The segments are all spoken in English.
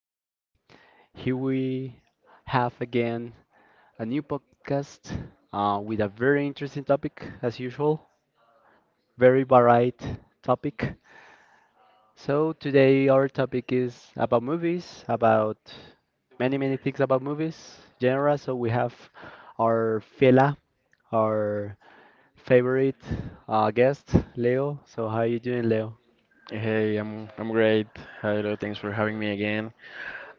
Um, Here we have again a new podcast with a very interesting topic, as usual, very varied topic. So, today our topic is about movies, about many, many things about movies, genre. So, we have our Fela, our favorite guest, Leo. So, how are you doing, Leo? Hey, I'm great. Hello, thanks for having me again.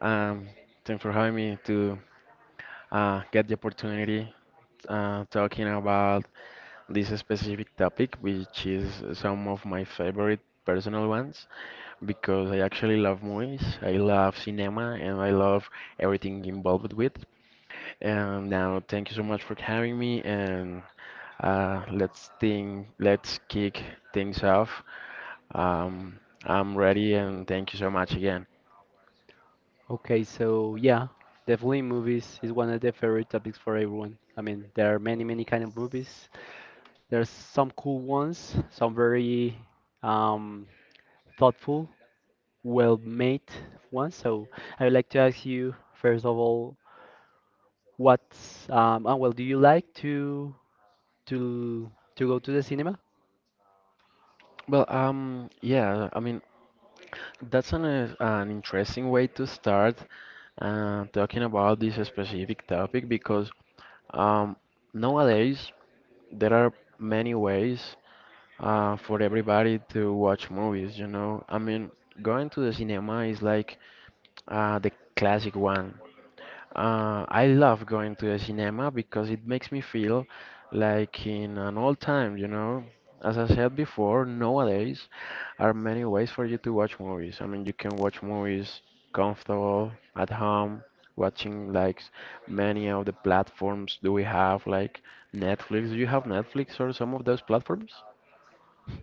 Um, Thanks for having me to get the opportunity talking about this specific topic, which is some of my favorite personal ones because I actually love movies. I love cinema and I love everything involved with. And now, thank you so much for having me. And let's think, let's kick things off. Um, I'm ready, and thank you so much again. Okay, so yeah, definitely movies is one of the favorite topics for everyone. I mean, there are many, many kind of movies. There's some cool ones, some very um, thoughtful, well-made ones. So I would like to ask you first of all, well, do you like to to to go to the cinema? Well, yeah, I mean, that's an interesting way to start talking about this specific topic because um, nowadays there are many ways for everybody to watch movies, you know. I mean, going to the cinema is like the classic one. I love going to the cinema because it makes me feel like in an old time, you know. As I said before, nowadays are many ways for you to watch movies. I mean, you can watch movies comfortable at home, watching like many of the platforms do we have, like Netflix. Do you have Netflix or some of those platforms?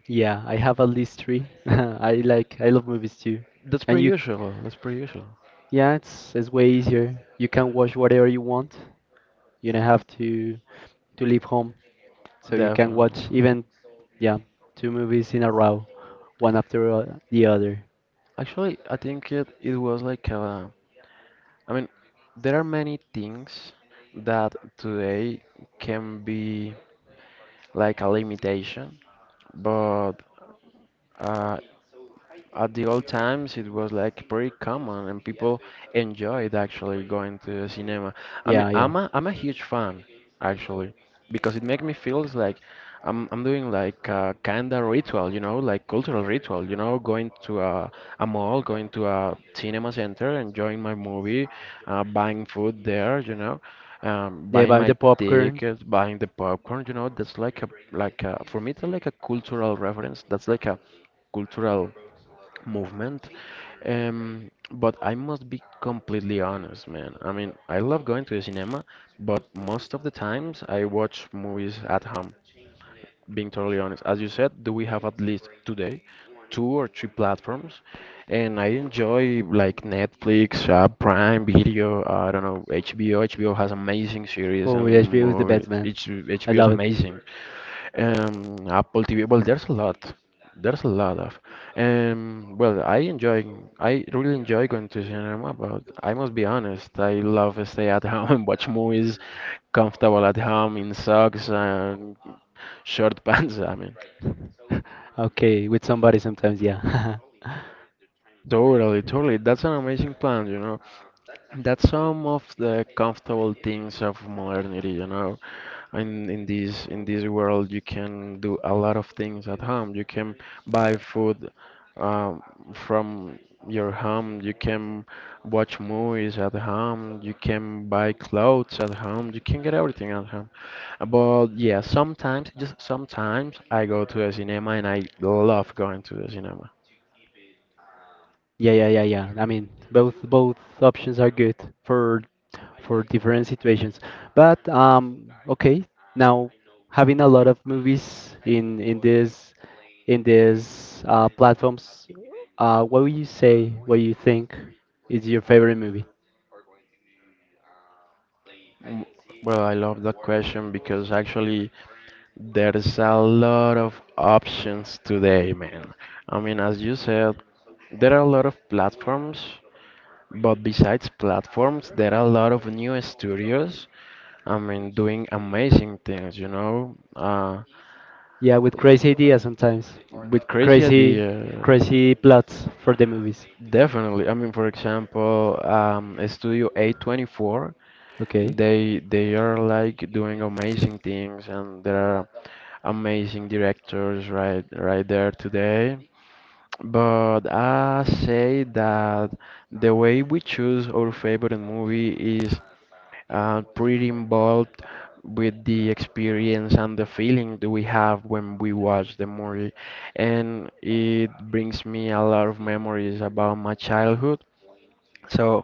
Yeah, I have at least three. I love movies too. That's And pretty you, usual. That's pretty usual. yeah, it's way easier. You can watch whatever you want. You don't have to. To leave home, so you can watch Definitely. even yeah two movies in a row, one after the other. Actually, I think it was like I mean, there are many things that today can be like a limitation, but uh, at the old times it was like pretty common and people enjoyed actually going to the cinema. I mean, Yeah, yeah. I'm a huge fan actually because it makes me feels like I'm doing like a kind of ritual, you know, like cultural ritual, you know, going to a mall, going to a cinema center, enjoying my movie, buying food there, you know. They Buying buy my the popcorn. tickets, buying the popcorn, you know, that's like a for me it's like a cultural reference. That's like a cultural movement. But I must be completely honest, man. I mean, I love going to the cinema, but most of the times I watch movies at home, being totally honest. As you said, do we have at least today two or three platforms? And I enjoy like Netflix, Prime Video, I don't know, HBO. HBO has amazing series Oh, and HBO is the movies. best man. I HBO is love it. amazing. Apple TV. Well, there's a lot. There's a lot of. Um, well, I enjoy. I really enjoy going to cinema, but I must be honest. I love to stay at home and watch movies, comfortable at home in socks and short pants. I mean, Okay, with somebody sometimes, yeah. totally, totally. That's an amazing plan, you know. That's some of the comfortable things of modernity, you know. In this world, you can do a lot of things at home. You can buy food um, from your home. You can watch movies at home. You can buy clothes at home. You can get everything at home. But yeah, sometimes, just sometimes, I go to the cinema and I love going to the cinema. Yeah, yeah, yeah, yeah. I mean, both options are good for different situations. But okay, now having a lot of movies in this in these platforms, what would you say? What you think is your favorite movie? Mm, Well, I love that question because actually there's a lot of options today, man. I mean, as you said, there are a lot of platforms, but besides platforms, there are a lot of new studios, I mean, doing amazing things, you know, Yeah, with crazy ideas sometimes, with crazy crazy ideas. crazy plots for the movies. Definitely. I mean, for example, Studio A24, Okay. they are like doing amazing things, and there are amazing directors right there today. But I say that the way we choose our favorite movie is pretty involved with the experience and the feeling that we have when we watch the movie. And it brings me a lot of memories about my childhood. So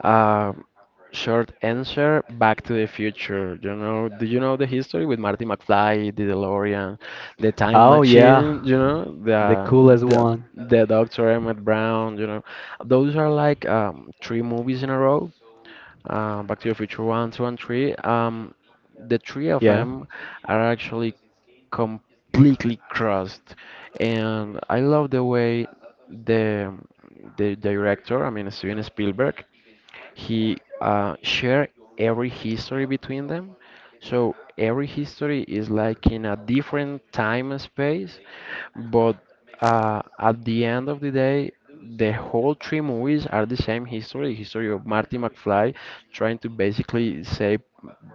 um, short answer, Back to the Future. You know, do you know the history with Marty McFly, the DeLorean, the time Oh machine, yeah, you know, the coolest the, one. the Dr. Emmett Brown, you know. Those are like three movies in a row. Back to the Future 1, 2, and 3. The three of Yeah. them are actually completely crossed. And I love the way the the director, I mean Steven Spielberg, he shared every history between them. So every history is like in a different time and space, but at the end of the day, the whole three movies are the same history, history of Marty McFly trying to basically save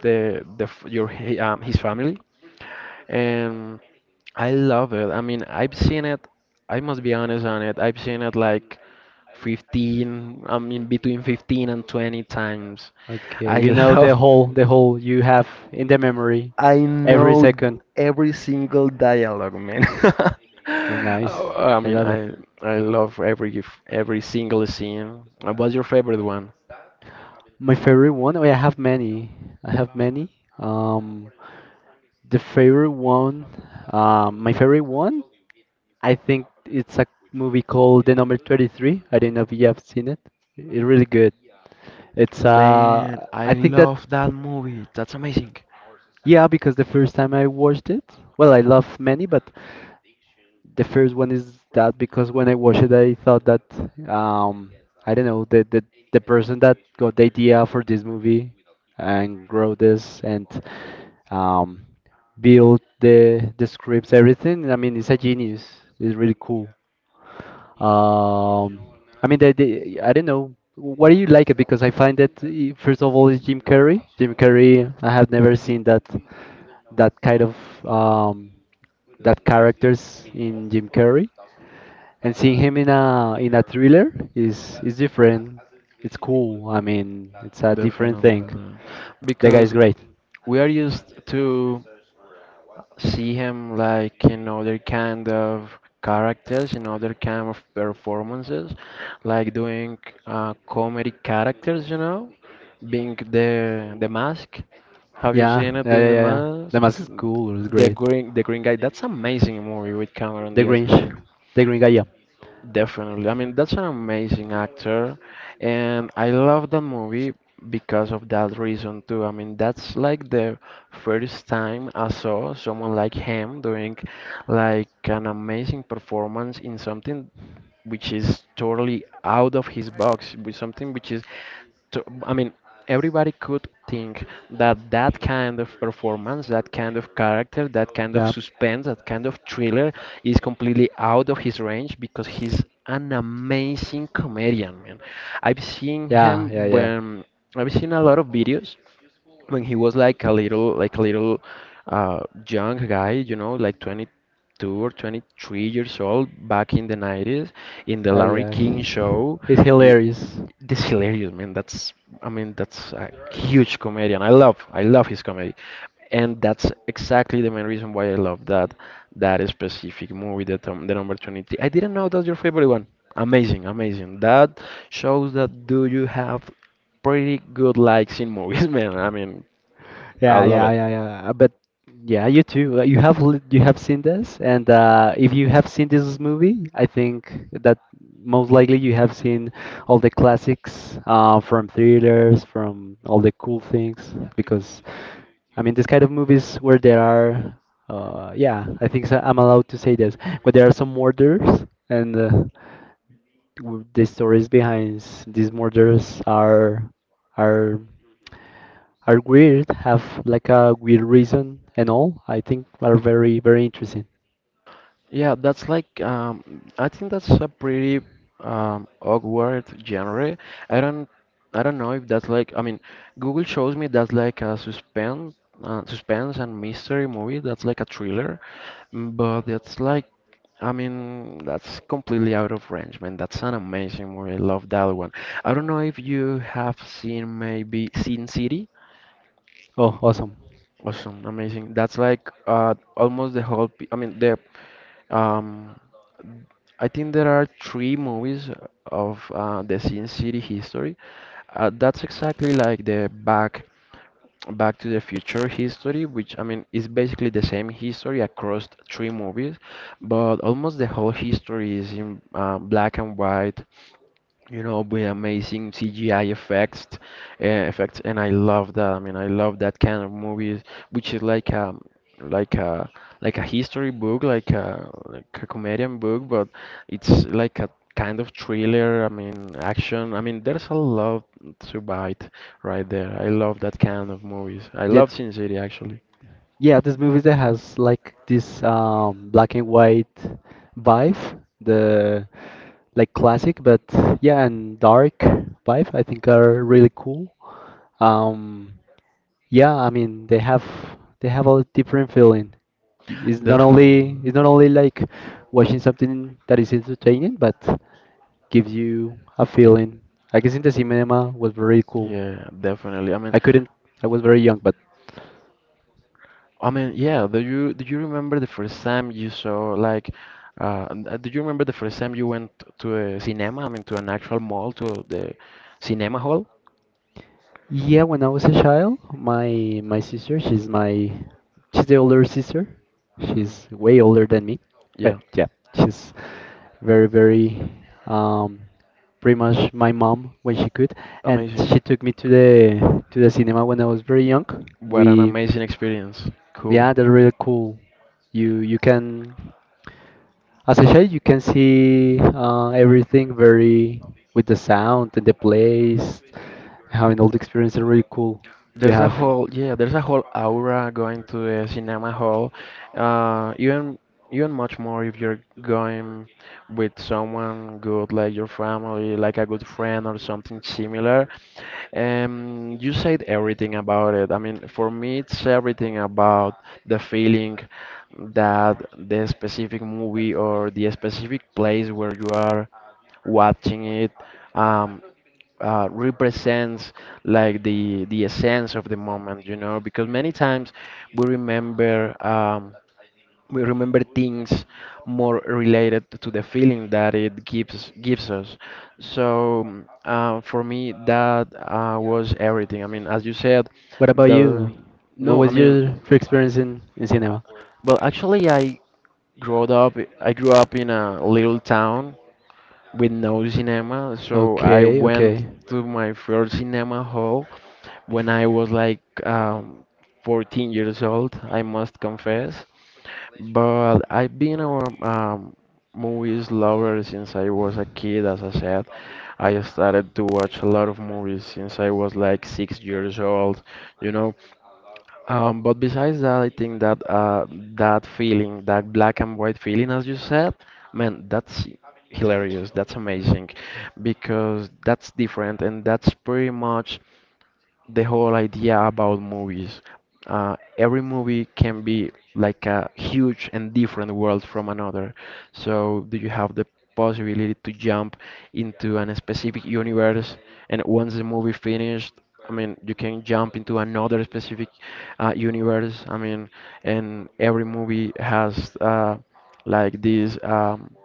the f- your he- his family, and I love it. I mean, I've seen it. I must be honest on it. I've seen it like I mean between 15 and 20 times. Okay, I you know love, the whole you have in the memory I every know second. every single dialogue, man. Oh, nice. Oh, I I mean, love it. I love every single scene. What's your favorite one? My favorite one? Oh, yeah, I have many. I have many. Um, the favorite one, my favorite one, I think it's a movie called The Number 33. I don't know if you have seen it. It's really good. It's Man, I I think that love that movie. That's amazing. yeah, because the first time I watched it, well, I love many, but the first one is that because when I watched it, I thought that um, I don't know the person that got the idea for this movie and grow this and um, built the scripts, everything. I mean, it's a genius. It's really cool. Um, I don't know. What do you like it? Because I find that first of all, is Jim Carrey. Jim Carrey, I have never seen that kind of um, that characters in Jim Carrey. And seeing him in a thriller is different. It's cool. I mean, it's a different thing. Definitely, The guy is because great. we are used to see him like in other kind of characters, in other kind of performances, like doing comedy characters, you know, being the mask. Have you Yeah, seen it yeah, doing yeah, the yeah. yeah. mask? The mask is cool. It's The great. green the green guy. That's amazing movie with Cameron The Diaz. Grinch, the Green guy. Yeah, Definitely. I mean, that's an amazing actor, and I love that movie because of that reason too. I mean, that's like the first time I saw someone like him doing like an amazing performance in something which is totally out of his box with something which is I mean, everybody could think that that kind of performance, that kind of character, that kind of yeah, suspense, that kind of thriller is completely out of his range because he's an amazing comedian, man. I've seen yeah, yeah, him yeah. when I've seen a lot of videos when he was like a little uh, young guy, you know, like 20, 22 or 23 years old back in the 90s in the Oh Larry yeah, King show. he's You, hilarious. this hilarious man. That's I mean that's a huge comedian. I love his comedy, and that's exactly the main reason why I love that specific movie. That the number 23. I didn't know that's your favorite one. Amazing, amazing. That shows that do you have pretty good likes in movies, man. I mean I Yeah, love yeah, it. yeah, yeah. But yeah, you too. You have seen this, and if you have seen this movie, I think that most likely you have seen all the classics from thrillers, from all the cool things. Because I mean, this kind of movies where there are, yeah, I think so, I'm allowed to say this, but there are some murders, and the stories behind these murders are are are weird, have like a weird reason and all, I think are very, very interesting. Yeah, that's like I think that's a pretty awkward genre. I don't I don't know if that's like I mean Google shows me that's like a suspense suspense and mystery movie. That's like a thriller, but that's like I mean that's completely out of range, man. That's an amazing movie. I love that one. I don't know if you have seen maybe Sin City. Oh, awesome. Awesome, amazing. That's like almost the whole. P I mean, the um, I think there are three movies of the Sin City history. That's exactly like the back Back to the Future history, which I mean is basically the same history across three movies, but almost the whole history is in black and white, you know, with amazing CGI effects, and I love that. I mean, I love that kind of movies, which is like a, like a history book, like a comedian book, but it's like a kind of thriller. I mean, action. I mean, there's a lot to bite right there. I love that kind of movies. I Yeah, love Sin City actually, yeah, this movie that has like this black and white vibe, the like classic, but yeah, and dark vibe, I think are really cool. Um, yeah, I mean they have a different feeling. It's not definitely. only like watching something that is entertaining, but gives you a feeling. I guess in the cinema was very cool. Yeah, definitely. I mean. I couldn't. I was very young, but I mean, yeah, do you remember the first time you saw like do you remember the first time you went to a cinema? I mean, to an actual mall, to the cinema hall? yeah, when I was a child, my sister, she's the older sister. hmm She's way older than me. But Yeah, yeah, she's very pretty much my mom when she could and amazing. she took me to the cinema when I was very young. What an We amazing experience. Cool. yeah, they're really cool. You can As I said, you can see everything very with the sound and the place, having all the experience and really cool to There's a have. whole yeah, there's a whole aura going to the cinema hall. Even much more if you're going with someone good like your family, like a good friend or something similar. You said everything about it. I mean, for me, it's everything about the feeling that the specific movie or the specific place where you are watching it. Um, Represents like the essence of the moment, you know, because many times we remember um, we remember things more related to the feeling that it gives us. So for me, that was everything. I mean, as you said, What about you? the What no, I was mean, your first experience in, cinema? well, actually, I grew up in a little town with no cinema. So I Okay, went okay, to my first cinema hall when I was like 14 years old, I must confess. But I've been a movies lover since I was a kid, as I said. I started to watch a lot of movies since I was like 6 years old. You know, but besides that, I think that that feeling, that black and white feeling, as you said, man, that's hilarious. That's amazing because that's different and that's pretty much the whole idea about movies. Every movie can be like a huge and different world from another. So, do you have the possibility to jump into an specific universe? And once the movie finished, I mean, you can jump into another specific universe. I mean, and every movie has like this. Um,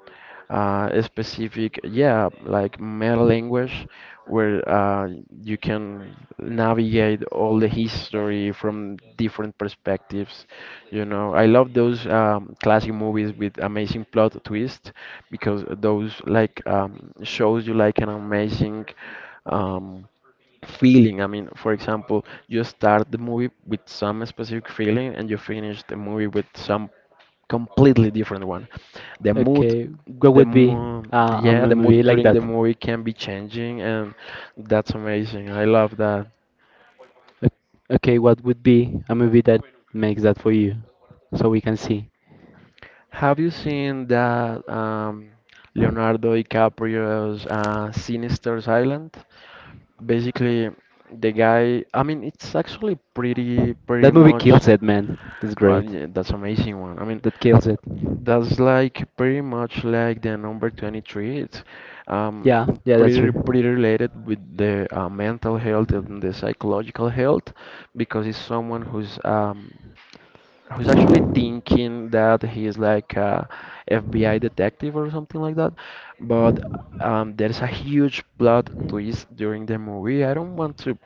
uh, A specific, yeah, like meta language where you can navigate all the history from different perspectives. You know, I love those classic movies with amazing plot twist because those like shows you like an amazing um, feeling. I mean, for example, you start the movie with some specific feeling and you finish the movie with some completely different one. The mood okay. What the would be mood, a yeah, the movie mood like during the that? movie can be changing, and that's amazing. I love that. Okay, what would be a movie that makes that for you? So we can see. Have you seen that Leonardo DiCaprio's Sinister's Island? Basically, the guy. I mean, it's actually pretty, pretty That movie much. kills it, man. That's great. Yeah, that's amazing one. I mean. That kills it. That's like pretty much like the number 23. It's um, Yeah, yeah, that's pretty true. pretty related with the mental health and the psychological health because it's someone who's actually thinking that he's like a FBI detective or something like that. But there's a huge plot twist during the movie. I don't want to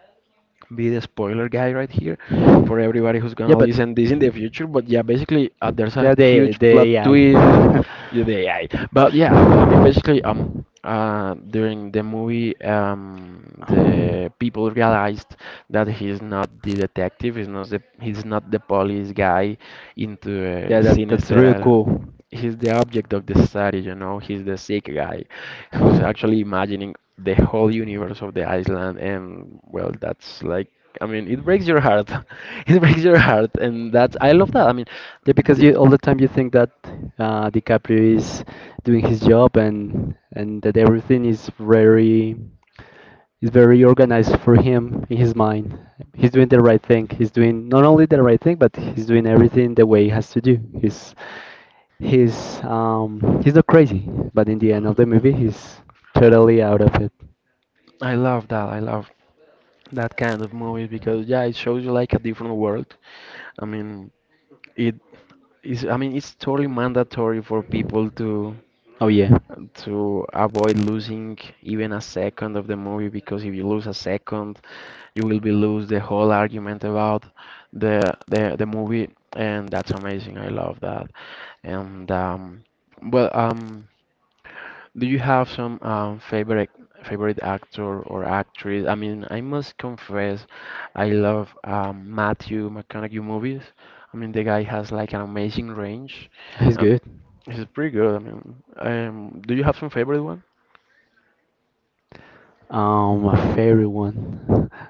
be the spoiler guy right here for everybody who's Yeah, gonna but listen this in the future. But yeah, basically there's a yeah, the huge the plot twist, AI. yeah, the AI. But yeah, I mean, basically during the movie the people realized that he's not the detective, he's not the police guy into Yeah, a that that's really sinister, cool. he's the object of the study, you know. He's the sick guy who's actually imagining the whole universe of the island, and well, that's like, I mean, it breaks your heart. It breaks your heart, and that's I love that. I mean, Yeah, because the, you all the time you think that DiCaprio is doing his job and that everything is very organized for him in his mind. He's doing the right thing. He's doing not only the right thing, but he's doing everything the way he has to do. He's not crazy, but in the end of the movie, he's totally out of it. I love that. I love that kind of movie because yeah, it shows you like a different world. I mean, it is. I mean, it's totally mandatory for people Oh yeah. to avoid losing even a second of the movie because if you lose a second you will be lose the whole argument about the the movie and that's amazing. I love that. And well Do you have some favorite actor or actress? I mean, I must confess I love Matthew McConaughey movies. I mean, the guy has like an amazing range. He's um good. he's pretty good. I mean, do you have some favorite one? My favorite one.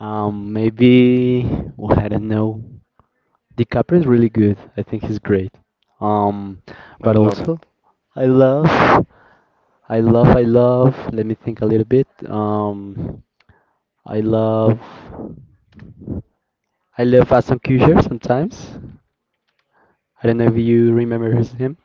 Maybe well, I don't know. DiCaprio is really good. I think he's great. Um, I but love it. also, I love, I love. Let me think a little bit. Um, I love, I love Fast and sometimes. I don't know if you remember him.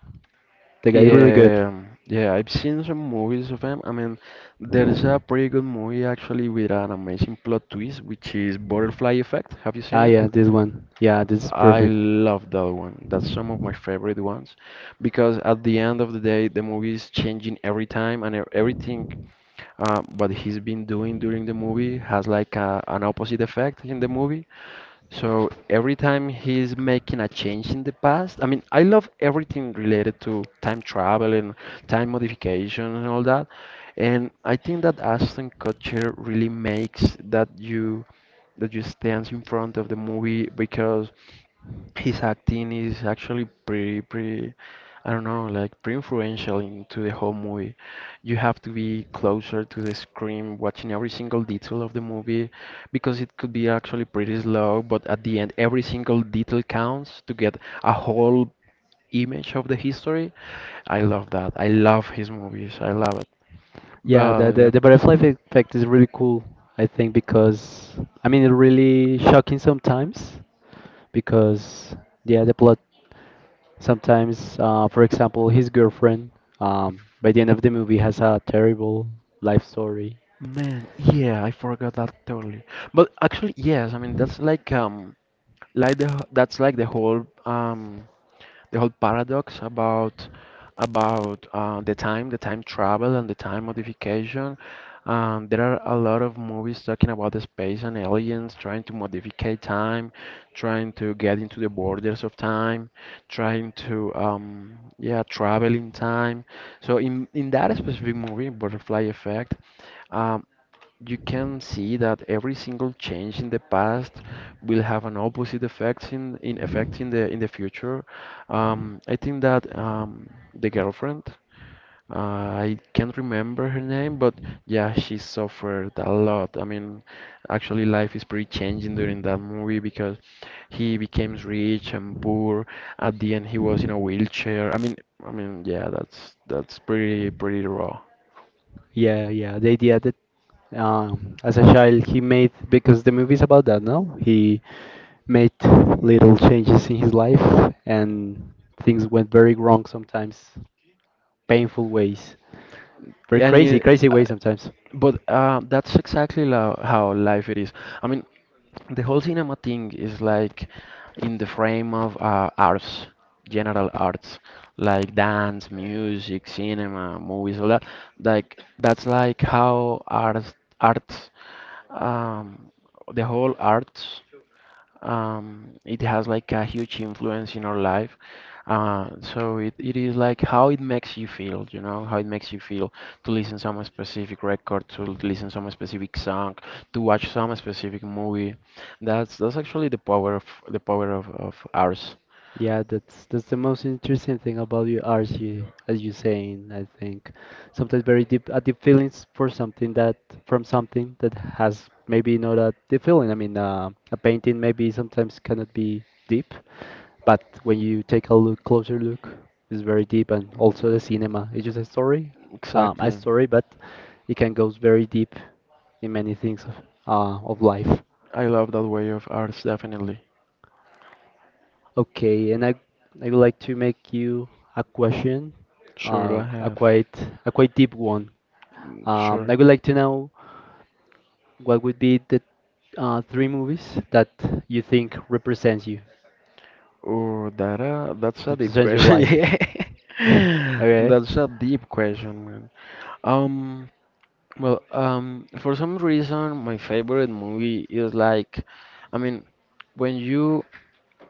The guy is really good. Yeah, yeah, I've seen some movies of him. I mean, there's a pretty good movie actually with an amazing plot twist, which is Butterfly Effect. Have you Ah, seen it? yeah, this one. Yeah, this is I perfect. love that one. That's some of my favorite ones because at the end of the day, the movie is changing every time and everything what he's been doing during the movie has like an opposite effect in the movie. So every time he's making a change in the past, I mean, I love everything related to time travel and time modification and all that. And I think that Ashton Kutcher really makes that you stands in front of the movie because his acting is actually pretty I don't know, like pretty influential into the whole movie. You have to be closer to the screen, watching every single detail of the movie, because it could be actually pretty slow, but at the end, every single detail counts to get a whole image of the history. I love that. I love his movies. I love it. Yeah, the, But the, yeah. the butterfly effect is really cool, I think, because I mean, it really shocking sometimes because yeah, the plot sometimes, for example, his girlfriend, by the end of the movie has a terrible life story. Man, yeah, I forgot that totally. But actually, yes, I mean that's like the that's like the whole paradox about about the time travel and the time modification. There are a lot of movies talking about the space and aliens trying to modify time, trying to get into the borders of time, trying to yeah travel in time. So in that specific movie Butterfly Effect, um, you can see that every single change in the past will have an opposite effect in the future. I think that the girlfriend, I can't remember her name, but yeah, she suffered a lot. I mean, actually, life is pretty changing during that movie because he becomes rich and poor. At the end, he was in a wheelchair. I mean, yeah, that's pretty raw. Yeah, yeah, the idea that as a child he made, because the movie is about that, no? He made little changes in his life and things went very wrong sometimes, painful ways, very And crazy, it, crazy ways sometimes. But that's exactly how life it is. I mean, the whole cinema thing is like in the frame of arts, general arts, like dance, music, cinema, movies, all that. Like that's like how arts, um, the whole arts it has like a huge influence in our life. So it is like how it makes you feel, you know, how it makes you feel to listen some specific record, to listen some specific song, to watch some specific movie. That's actually the power of of ours. Yeah, that's the most interesting thing about you, Archie, as you saying, I think. Sometimes very deep a deep feelings for something that from something that has maybe not a deep feeling. I mean, a painting maybe sometimes cannot be deep, but when you take a look closer look, it's very deep and also the cinema. It's just a Exactly. story, but it can goes very deep in many things of life. I love that way of ours, definitely. Okay, and I'd like to make you a question, Sure, go a ahead. Quite deep one. Mm, sure. I would like to know what would be the three movies that you think represents you, Oh, that that's a deep represents your question. life. Yeah, Okay. that's a deep question, man. Um, for some reason, my favorite movie is like, I mean, when you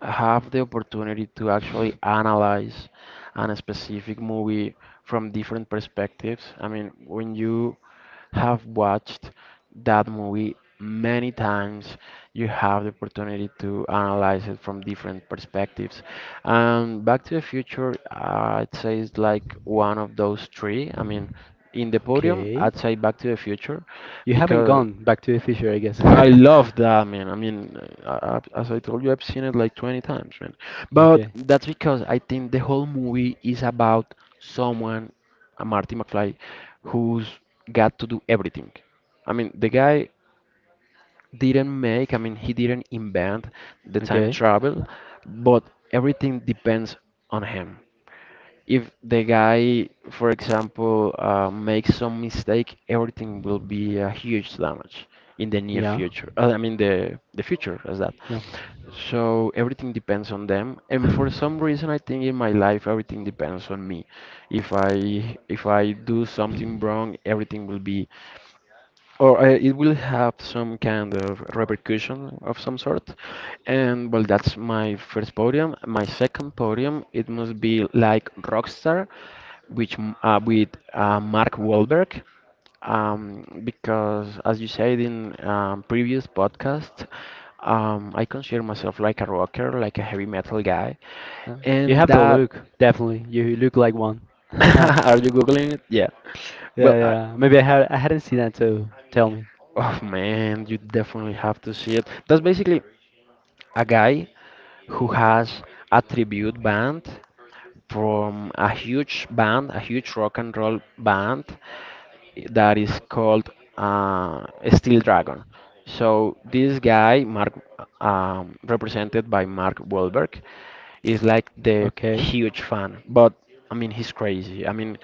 have the opportunity to actually analyze an specific movie from different perspectives. I mean, when you have watched that movie many times, you have the opportunity to analyze it from different perspectives. Back to the Future, I'd say is like one of those three. I mean, in the podium, Okay. I'd say Back to the Future You haven't because gone back to the future, I guess. I love that, man. I mean, I, as I told you, I've seen it like 20 times, man. But Okay. that's because I think the whole movie is about someone, a Marty McFly, who's got to do everything. I mean, the guy didn't make, I mean, he didn't invent the time Okay. travel, but everything depends on him if the guy, for example, makes some mistake, everything will be a huge damage in the near Yeah. future. I mean, the future as that. Yeah. So everything depends on them, and for some reason, I think in my life everything depends on me. If I do something wrong, everything will be or it will have some kind of repercussion of some sort. And well, that's my first podium. My second podium, it must be like Rockstar, which with Mark Wahlberg. Because as you said in previous podcast, I consider myself like a rocker, like a heavy metal guy, Yeah. You and have the that look, definitely. You look like one. are you googling it? Yeah. Well, Yeah, I, yeah. Maybe I hadn't seen that, so tell me. oh man, you definitely have to see it. That's basically a guy who has a tribute band from a huge band, a huge rock and roll band, that is called uh, Steel Dragon. So this guy, Mark, represented by Mark Wahlberg, is like the Okay. huge fan. But I mean, he's crazy. I mean,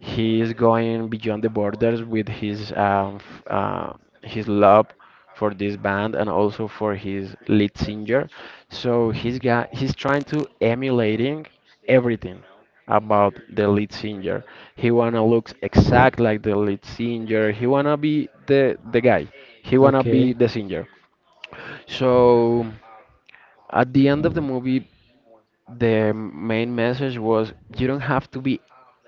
he is going beyond the borders with his his love for this band and also for his lead singer. So he's trying to emulating everything about the lead singer. He wanna look exact like the lead singer. He wanna be the guy. He wanna be Okay. the singer. So at the end of the movie, the main message was you don't have to be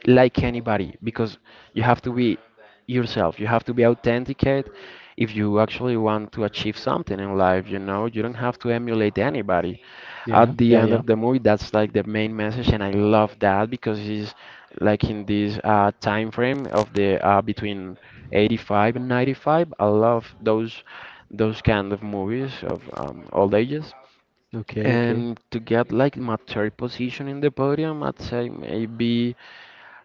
like anybody because you have to be yourself, you have to be authenticate if you actually want to achieve something in life, you know, you don't have to emulate anybody. Yeah. At the Yeah. end Yeah. of the movie that's like the main message and I love that because it's like in this time frame of the between 85 and 95. I love those kind of movies of all ages. Okay. Okay. And to get like my third position in the podium, I'd say maybe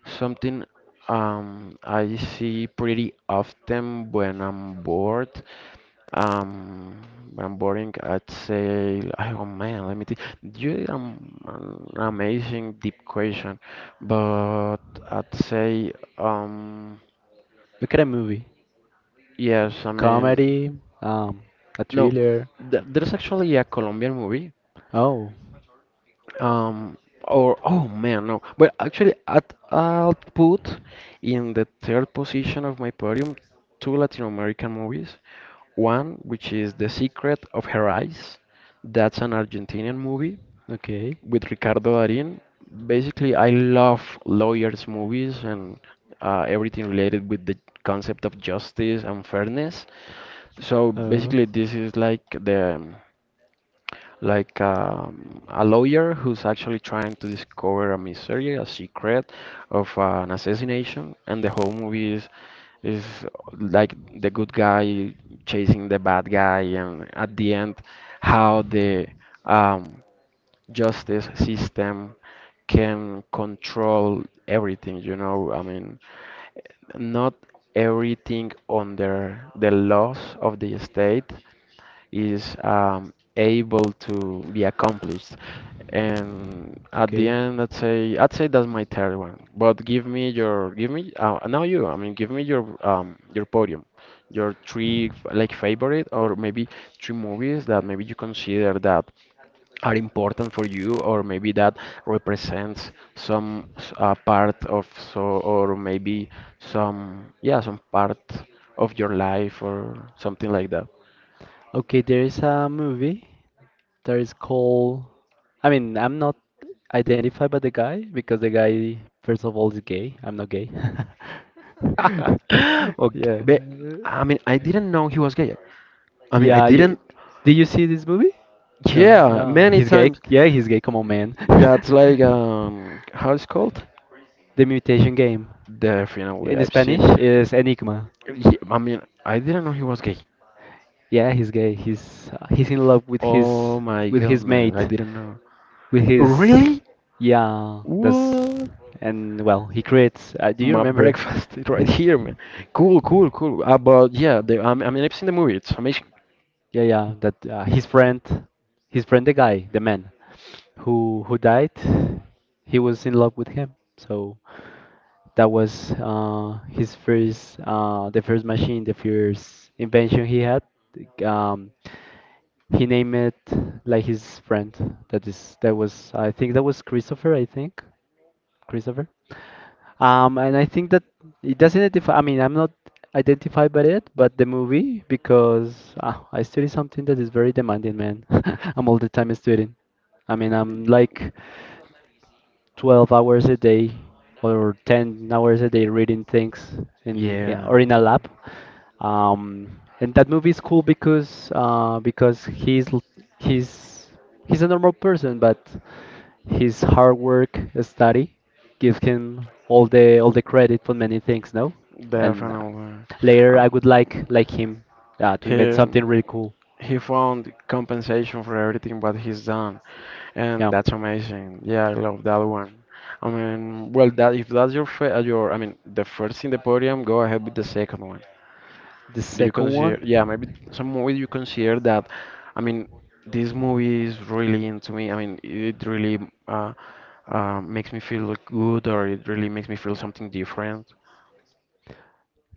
something I see pretty often when I'm bored. Um, when I'm boring, I'd say, oh man, let me think. You did an amazing deep question, but I'd say, um, Look at a movie. yes, A I mean, comedy. Um. A no, thriller. th there's actually a Colombian movie. Oh. Um, or oh man, no. But actually, at, I'll put in the third position of my podium two Latin American movies. One, which is The Secret of Her Eyes. That's an Argentinian movie Okay. with Ricardo Darín. Basically, I love lawyers' movies and everything related with the concept of justice and fairness. So Oh. basically, this is like the like a lawyer who's actually trying to discover a mystery, a secret of an assassination, and the whole movie is like the good guy chasing the bad guy, and at the end, how the um, justice system can control everything. You know, I mean, not everything under the laws of the state is able to be accomplished. And at the Okay. end, I'd say that's my third one. But give me now you. I mean, give me your podium, your like favorite, or maybe three movies that maybe you consider that are important for you, or maybe that represents part of, so, or maybe some part of your life or something like that. Okay. There is a movie that is called. I mean, I'm not identified by the guy because the guy, first of all, is gay. I'm not gay. Okay, Yeah. but I mean, I didn't know he was gay. I mean, I Yeah, you, didn't. did you see this movie? No, Yeah, yeah, many he's gay. times. Yeah, he's gay. Come on, man. That's like, how it's called? The mutation game Definitely, in I've Spanish seen. is Enigma. I mean, I didn't know he was gay. Yeah, he's gay. He's in love with his Oh my goodness, I mate, didn't know. with his Really? yeah. That's What? And well, he creates. Do you My remember? breakfast is right here, man. Cool, cool, cool. But yeah, I mean, I've seen the movie. It's amazing. Yeah, yeah. That his friend, the guy, the man who died, he was in love with him. So that was the first machine, the first invention he had. Um, he named it like his friend. That is, that was. I think that was Christopher. I think Christopher. And I think that it doesn't identify, I mean, I'm not identified by it, but the movie, because I study something that is very demanding, man. I'm all the time studying. I mean, I'm like 12 hours a day or 10 hours a day reading things in yeah, Yeah, or in a lab. And that movie is cool because he's a normal person, but his hard work, study give him all the credit for many things, no? And definitely. later Um, I would like him to He invent something really cool. he found compensation for everything what he's done, and Yeah. that's amazing. Yeah, I love that one. I mean, well, that, if that's your your, I mean, the first in the podium, go ahead with the second one. The Do you second one, consider? Yeah, maybe some movie you consider that. I mean, this movie is really into me. I mean, it really, uh, makes me feel good, or it really makes me feel something different.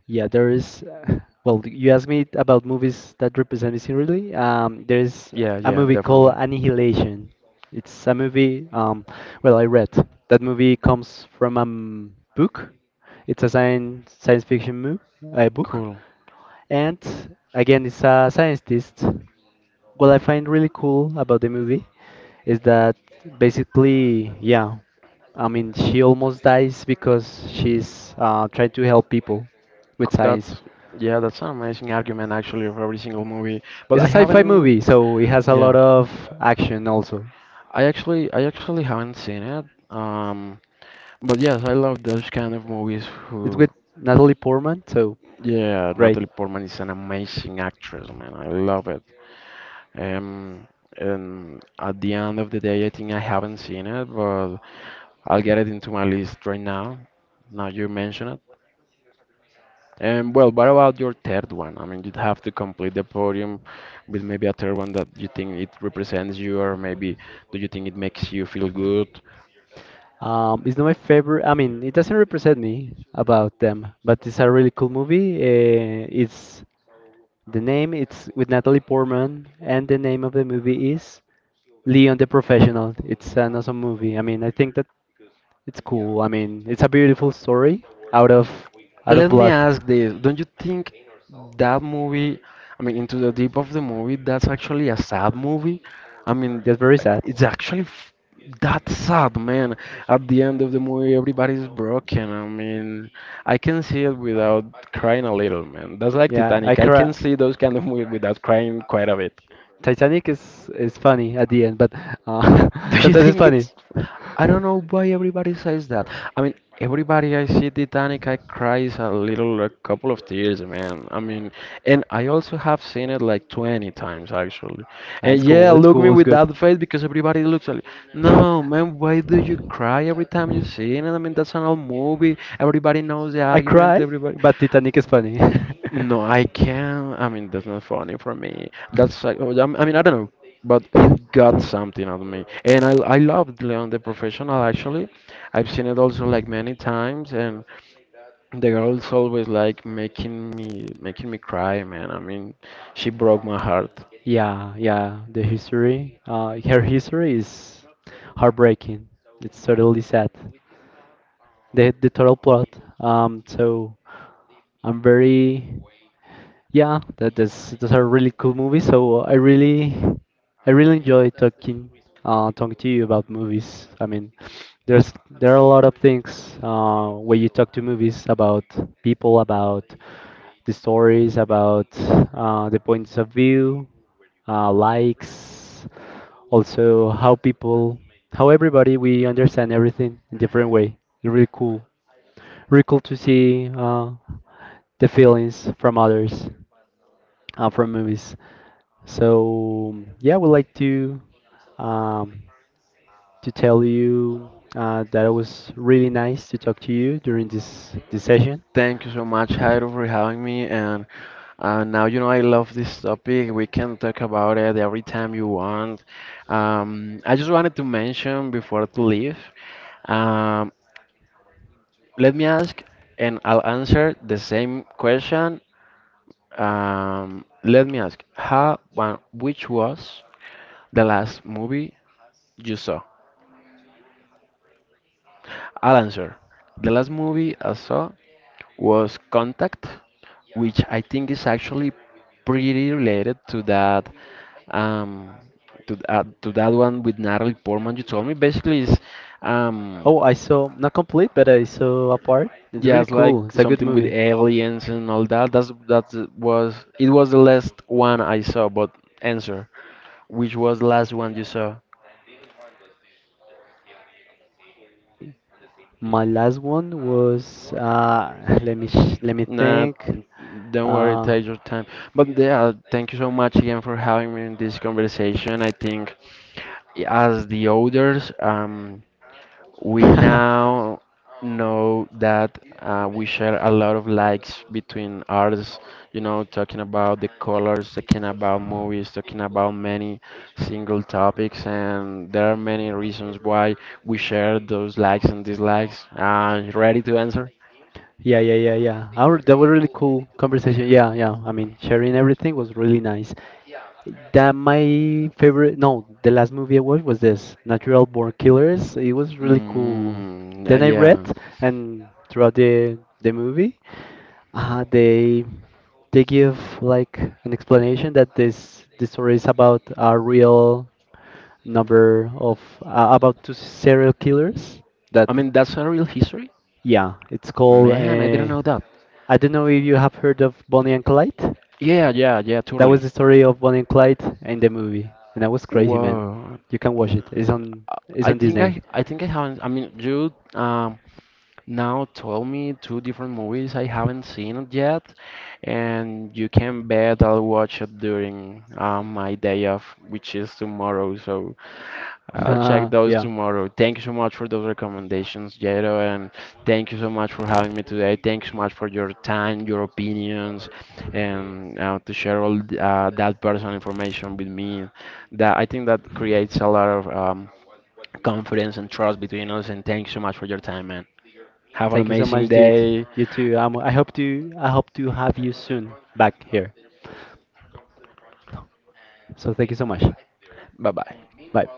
yeah, there is. Well, you asked me about movies that represent me similarly. There's Yeah, a yeah, movie called definitely. Annihilation. It's a movie. Well, I read that movie comes from a book. It's a science fiction book, Cool. and again, it's a scientist. What I find really cool about the movie is that basically, yeah, I mean, she almost dies because she's trying to help people with That science. Yeah, that's an amazing argument actually of every single movie. But It's a I sci-fi haven't, movie, so it has a yeah. lot of action also. I actually haven't seen it. Um, but yes, I love those kind of movies It's who, with Natalie Portman, so yeah, great. Natalie Portman is an amazing actress, man. I love it. Um, and at the end of the day, I think I haven't seen it, but I'll get it into my list right now. Now you mention it. Well, what about your third one? I mean, you'd have to complete the podium with maybe a third one that you think it represents you, or maybe do you think it makes you feel good? It's not my favorite. I mean, it doesn't represent me about them, but it's a really cool movie. It's The name, it's with Natalie Portman, and the name of the movie is Leon the Professional. It's an awesome movie. I mean, I think that it's cool. I mean, it's a beautiful story out of Let me blood. ask this. Don't you think that movie, I mean, Into the Deep of the movie, that's actually a sad movie? I mean, That's very sad. it's actually f that sad, man. At the end of the movie, everybody's broken. I mean, I can see it without crying a little, man. That's like Yeah, I Titanic. I can cry. see those kind of movies without crying quite a bit. Titanic is funny at the end, but uh, Do you sometimes it's think funny. it's? I don't know why everybody says that. I mean, everybody I see Titanic, I cries a little, a couple of tears, man. I mean, and I also have seen it like 20 times actually. Ah, And It's yeah, cool. It's look me cool. It's with good. that face because everybody looks like, no, man, why do you cry every time you see it? I mean, that's an old movie. Everybody knows the I argument. cry, Everybody. but Titanic is funny. No, I can't. I mean, that's not funny for me. That's like, oh, I mean, I don't know, but it got something out of me, and I loved Leon the Professional actually. I've seen it also like many times, and the girl's always like making me cry, man. I mean, she broke my heart. Yeah, yeah, the history, her history is heartbreaking. It's totally sad. The total plot. So I'm very yeah. That's those are really cool movies. So I really enjoy talking talking to you about movies. I mean, there are a lot of things where you talk to movies about people, about the stories, about the points of view, likes, also how people, how everybody we understand everything in different way. It's really cool, really cool to see the feelings from others from movies. So yeah, I would like um, to tell you that it was really nice to talk to you during this session. Thank you so much, Jairo, for having me, and now you know I love this topic. We can talk about it every time you want. I just wanted to mention before to leave. Um, Let me ask, and I'll answer the same question. Let me ask, how, one, which was the last movie you saw? I'll answer. The last movie I saw was Contact, which I think is actually pretty related to that, um, to that one with Natalie Portman you told me. Basically, is, um, Oh, I saw not complete, but I saw a part. It's yeah, really it's like cool. It's a good something with movie. aliens and all that. That's that was, it was the last one I saw, but answer, which was the last one you saw? My last one was let me Nah, think. don't worry, Uh, take your time. But yeah, thank you so much again for having me in this conversation. I think, as the others, we now know that we share a lot of likes between artists, you know, talking about the colors, talking about movies, talking about many single topics, and there are many reasons why we share those likes and dislikes. You ready to answer? Yeah, yeah, yeah, yeah. Our, that was really cool conversation. Yeah, yeah. I mean, sharing everything was really nice. That my favorite. No, The last movie I watched was this Natural Born Killers. It was really cool. Mm, Then I read, yeah. and throughout the movie, they they give like an explanation that this story is about a real number of about two serial killers that I mean, that's a real history? yeah, it's called Man, I didn't know that. I don't know if you have heard of Bonnie and Clyde. Yeah, yeah, yeah, That was totally. the story of Bonnie and Clyde in the movie, and that was crazy, man. Wow. You can watch it. I It's I on think Disney. I I think I haven't, I mean, you now told me two different movies I haven't seen yet, and you can bet I'll watch it during my day off, which is tomorrow. So I'll check those yeah. tomorrow. Thank you so much for those recommendations, Jado, and thank you so much for having me today. Thanks so much for your time, your opinions, and to share that personal information with me. That I think that creates a lot of, confidence and trust between us. And thanks so much for your time, man. Have an Thank you so amazing much, dude. day. You too. Um, I hope to have you soon back here. So thank you so much. Bye bye. Bye.